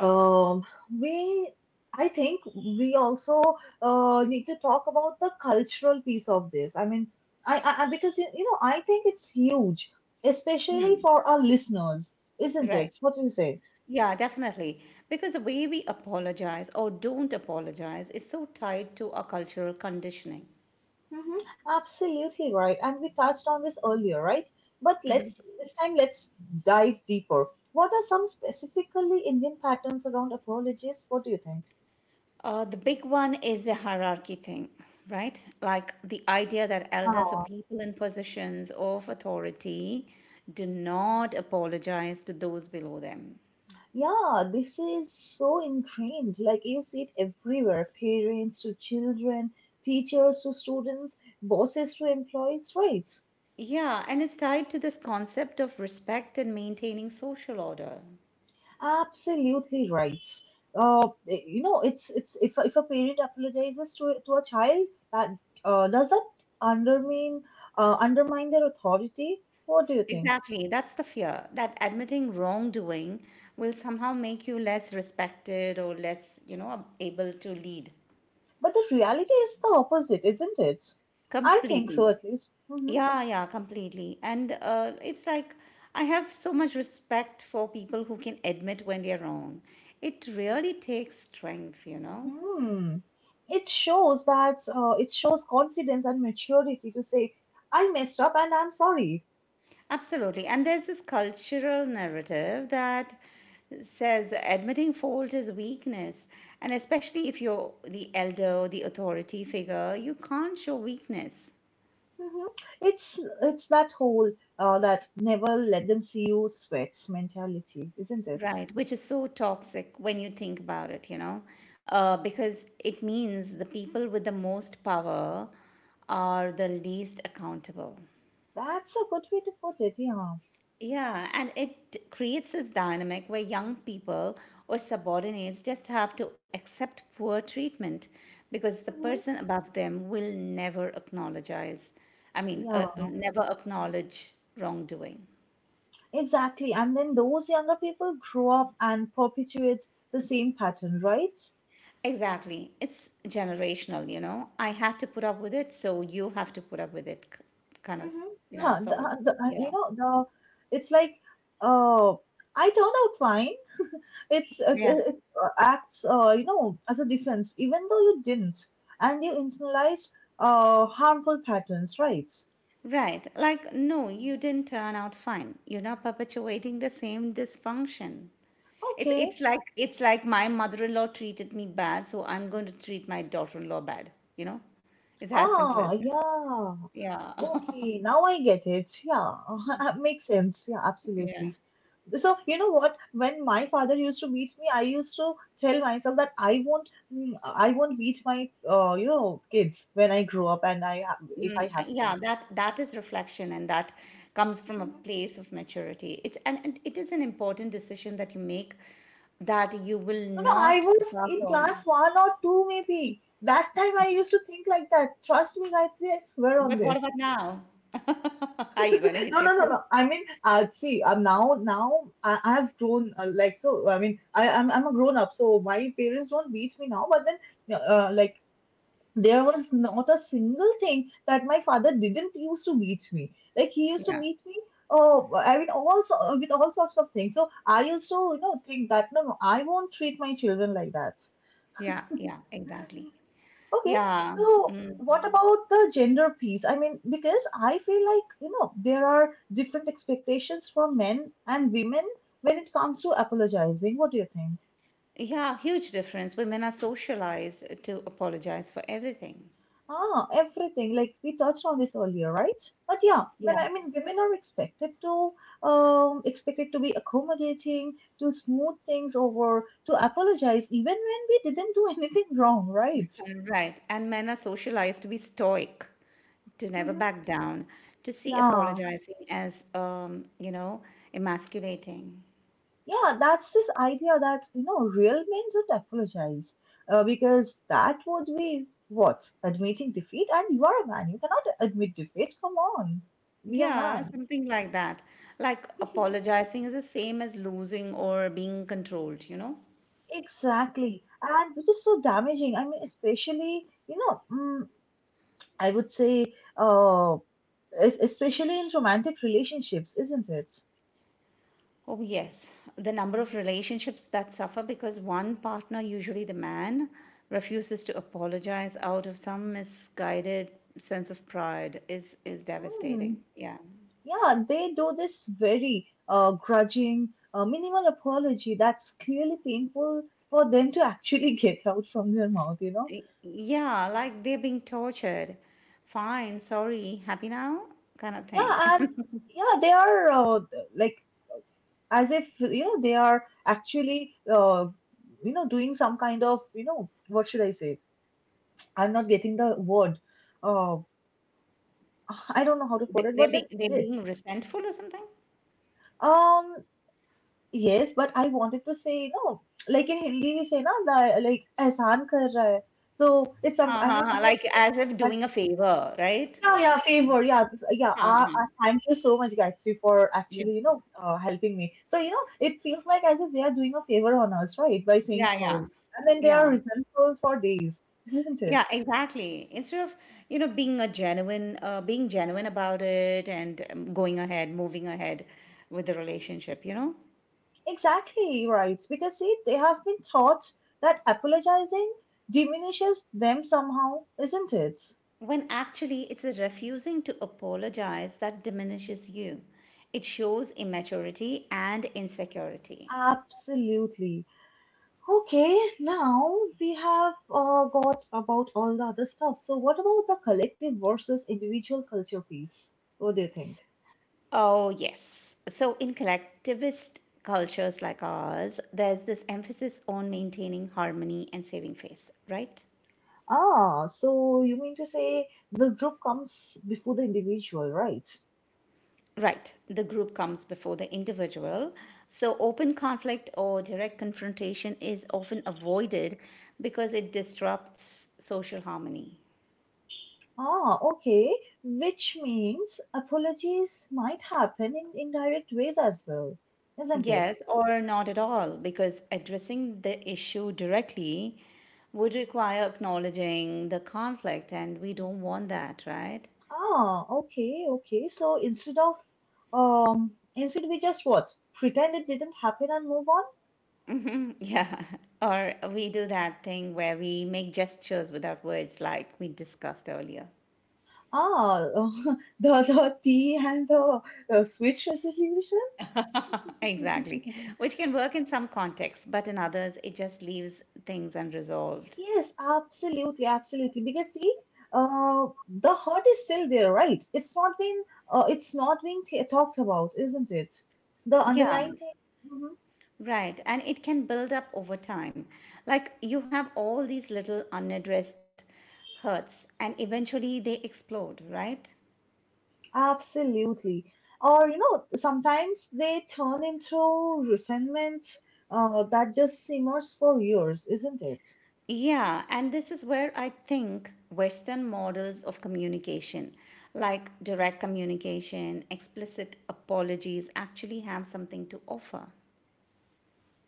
um, we I think we also need to talk about the cultural piece of this. I mean, because you know I think it's huge, especially for our listeners, isn't Right. it? What do you say? Yeah, definitely. Because the way we apologize or don't apologize is so tied to our cultural conditioning. Hmm. Absolutely right, and we touched on this earlier, right? But let's this time let's dive deeper. What are some specifically Indian patterns around apologies? What do you think? The big one is the hierarchy thing, right? Like the idea that elders or people in positions of authority do not apologize to those below them. Yeah, this is so ingrained. Like you see it everywhere parents to children, teachers to students, bosses to employees, right? Yeah, and it's tied to this concept of respect and maintaining social order. Absolutely right. You know, it's if a parent apologizes to a child, that does that undermine undermine their authority? What do you think? Exactly. That's the fear that admitting wrongdoing will somehow make you less respected or less, you know, able to lead. But the reality is the opposite, isn't it? I think so, Completely. at least. Mm-hmm. Yeah, yeah, completely. And it's like I have so much respect for people who can admit when they're wrong. It really takes strength, you know? Hmm. It shows that it shows confidence and maturity to say, "I messed up and I'm sorry." Absolutely. And there's this cultural narrative that says admitting fault is weakness. And especially if you're the elder or the authority figure, you can't show weakness, Hmm. It's that whole that never let them see you sweats mentality, isn't it? right? Which is so toxic when you think about it, you know, because it means the people with the most power are the least accountable. That's a good way to put it. Yeah. Yeah, and it creates this dynamic where young people or subordinates just have to accept poor treatment because the Hmm. person above them will never acknowledge. I mean, Yeah. never acknowledge wrongdoing. Exactly. And then those younger people grow up and perpetuate the same pattern, right? Exactly. It's generational, you know. I had to put up with it, so you have to put up with it, kind of, Hmm. you know, Yeah. Sort of. The, Yeah. you know the It's like uh, I turned out fine. it's it's Yeah. it it, Acts you know as a defense even though you didn't and you internalized harmful patterns right Right, like, no, you didn't turn out fine. You're not perpetuating the same dysfunction. It's okay it's like it's like my mother-in-law treated me bad, so I'm going to treat my daughter-in-law bad, you know? It's as simple as ah that. yeah Yeah. okay now I get it yeah that makes sense yeah absolutely. Yeah. So you know what, when my father used to beat me I used to tell myself that I won't I won't beat my you know kids when I grow up and if I Mm, have yeah, kids. that is reflection and that comes from a place of maturity. It's and it is an important decision that you make that you will No, no, I not was pass in class on. one or two, maybe. That time I used to think like that. Trust me, Gayatri, I swear on But what this. about now? Are you going to hit No, your no, no, kids? no. I mean, see, now, I've grown. I mean, I'm a grown up, so my parents don't beat me now. But then, like there was not a single thing that my father didn't used to beat me. Like he used to Yeah, beat me. Oh, I mean, also with all sorts of things. So I used to, you know, think that no, no, I won't treat my children like that. yeah, yeah, exactly. Okay, Yeah, so mm, what about the gender piece? I mean, because I feel like, you know, there are different expectations for men and women when it comes to apologizing. What do you think? yeah, huge difference. Women are socialized to apologize for everything. Ah, everything. Like we touched on this earlier, right? But yeah, Yeah, I mean, women are expected to be accommodating, to smooth things over, to apologize even when we didn't do anything wrong, right? right. And men are socialized to be stoic, to never back down, to see Yeah. apologizing as, you know, emasculating. Yeah, that's this idea that, you know, real men don't apologize because that would be what? Admitting defeat? And you are a man. You cannot admit defeat. Come on. Be a Yeah, man. something like that. Like apologizing is the same as losing or being controlled, you know? Exactly. And which is so damaging. I mean, especially, you know, I would say, uh, especially in romantic relationships, isn't it? Oh, yes. The number of relationships that suffer because one partner, usually the man, refuses to apologize out of some misguided sense of pride is Hmm. devastating. Yeah. Yeah, they do this very grudging, minimal apology that's clearly painful for them to actually get out from their mouth, you know? Yeah, like they're being tortured. Fine, sorry, happy now? Kind of Yeah, thing. and yeah, they are like as if, you know, they are actually, doing some kind of, you know, what should I say? I'm not getting the word. Uh, I don't know how to put They- it, They're but then, being, they're they, being resentful or something? um, yes, but I wanted to say no. Like in Hindi we say na that like ehsan kar raha hai. So if some Ha, I ha, am ha. not Like as if but doing a favor, right? Yeah, yeah, favor, yeah this, yeah Ha, ha. Thank you so much Gayatri for Yeah. actually you know helping me. So you know it feels like as if they are doing a favor on us right by saying Yeah, sorry yeah. and then they are Yeah. resentful for days, isn't Yeah, it? exactly. Instead of, you know, being a being genuine about it and going ahead, moving ahead with the relationship, you know, Exactly right. Because see, they have been taught that apologizing diminishes them somehow, isn't it? when actually it's the refusing to apologize that diminishes you. It shows immaturity and insecurity. Absolutely. Okay, now we have got about all the other stuff. So, what about the collective versus individual culture piece? What do you think? Oh, yes. So, in collectivist cultures like ours, there's this emphasis on maintaining harmony and saving face, right? Ah, so you mean to say the group comes before the individual, right? Right, the group comes before the individual. So, open conflict or direct confrontation is often avoided because it disrupts social harmony. Ah, okay, which means apologies might happen in indirect ways as well, isn't it? Yes, or not at all, because addressing the issue directly would require acknowledging the conflict, and we don't want that, right? Ah, okay, okay. So instead of instead we just what? Pretend it didn't happen and move. Yeah. Or we do that thing where we make gestures without words, like we discussed earlier. Ah, the, tea and the switch resolution? Exactly. Which can work in some contexts, but in others, it just leaves things unresolved. Yes, absolutely, absolutely. Because see, the hurt is still there, right? It's not been, it's not being t talked about, isn't it? The Yeah, underlying thing. Mhm. right. And it can build up over time. Like you have all these little unaddressed hurts, and eventually they explode, right? Absolutely. Or you know, sometimes they turn into resentment, that just simmers for years, isn't it? Yeah, and this is where I think Western models of communication, like direct communication, explicit apologies, actually have something to offer.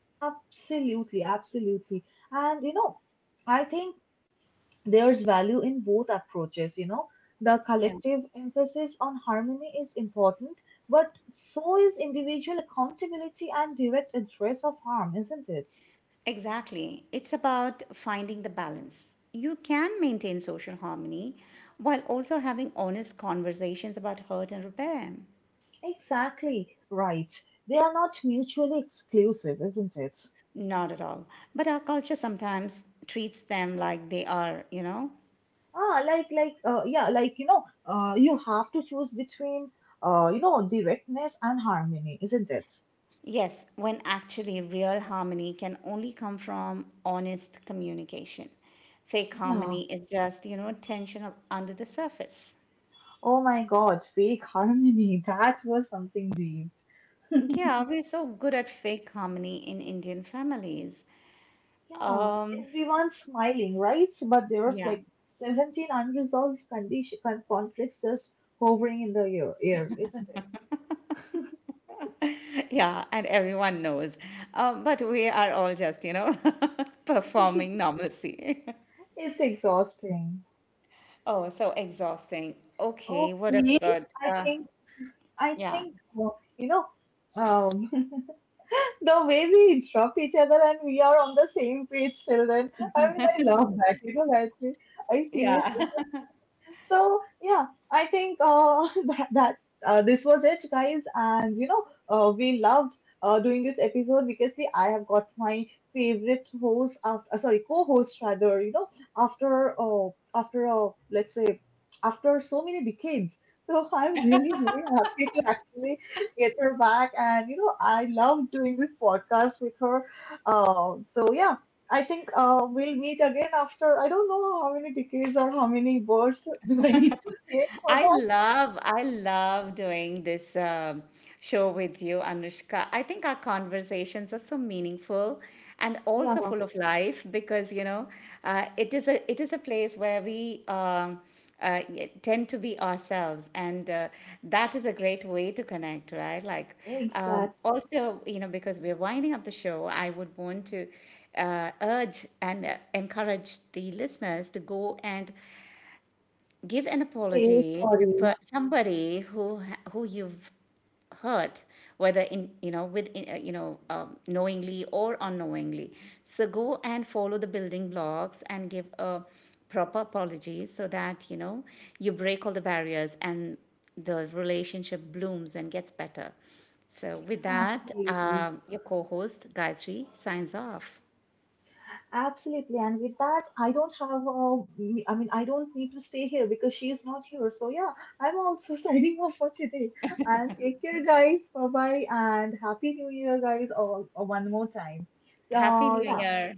Absolutely, absolutely. And you know, I think there's value in both approaches, you know. The Yeah. collective emphasis on harmony is important, but so is individual accountability and direct address of harm, isn't it? Exactly. It's about finding the balance. You can maintain social harmony while also having honest conversations about hurt and repair. Exactly right. They are not mutually exclusive, isn't it? Not at all. But our culture sometimes treats them like they are, you know? Ah, yeah, like, you know, you have to choose between, you know, directness and harmony, isn't it? Yes, when actually real harmony can only come from honest communication. Fake Yeah. harmony is just, you know, tension up under the surface. Oh my God, fake harmony. That was something deep. Yeah, we're so good at fake harmony in Indian families. Yeah, Um, everyone's smiling, right? So, but there was yeah. like 17 unresolved conflicts just hovering in the air, isn't it? Yeah, and everyone knows. But we are all just, you know, performing normalcy. It's exhausting. Oh, so exhausting. Okay, what Okay, about, I uh, think I yeah, think you know um, the way we interrupt each other and we are on the same page till then. I mean, I love that. You know, Gayatri, I seriously. So yeah, I think that that this was it, guys. And you know, we loved doing this episode because see, I have got my favorite host after, sorry, co-host rather. You know, after after let's say after so many decades. So I'm really very happy to actually get her back, and you know, I love doing this podcast with her. So yeah. I think we'll meet again after I don't know how many decades or how many words do I need to take for that. I love doing this show with you, Anushka. I think our conversations are so meaningful and Yeah, also full of life because you know it is a place where we tend to be ourselves, and that is a great way to connect, right? Like exact. also, you know, because we're winding up the show, I would want to urge and encourage the listeners to go and give an Say apology to sorry. Somebody who who you've hurt whether in you know with you know knowingly or unknowingly, so go and follow the building blocks and give a proper apology so that you know you break all the barriers and the relationship blooms and gets better. So with that, Absolutely. Your co-host Gayatri signs off. Absolutely. And with that, I don't have, I mean, I don't need to stay here because she's not here. So, yeah, I'm also signing off for today. And take care, guys. Bye bye. And Happy New Year, guys, all, one more time. Happy So, New yeah. Year.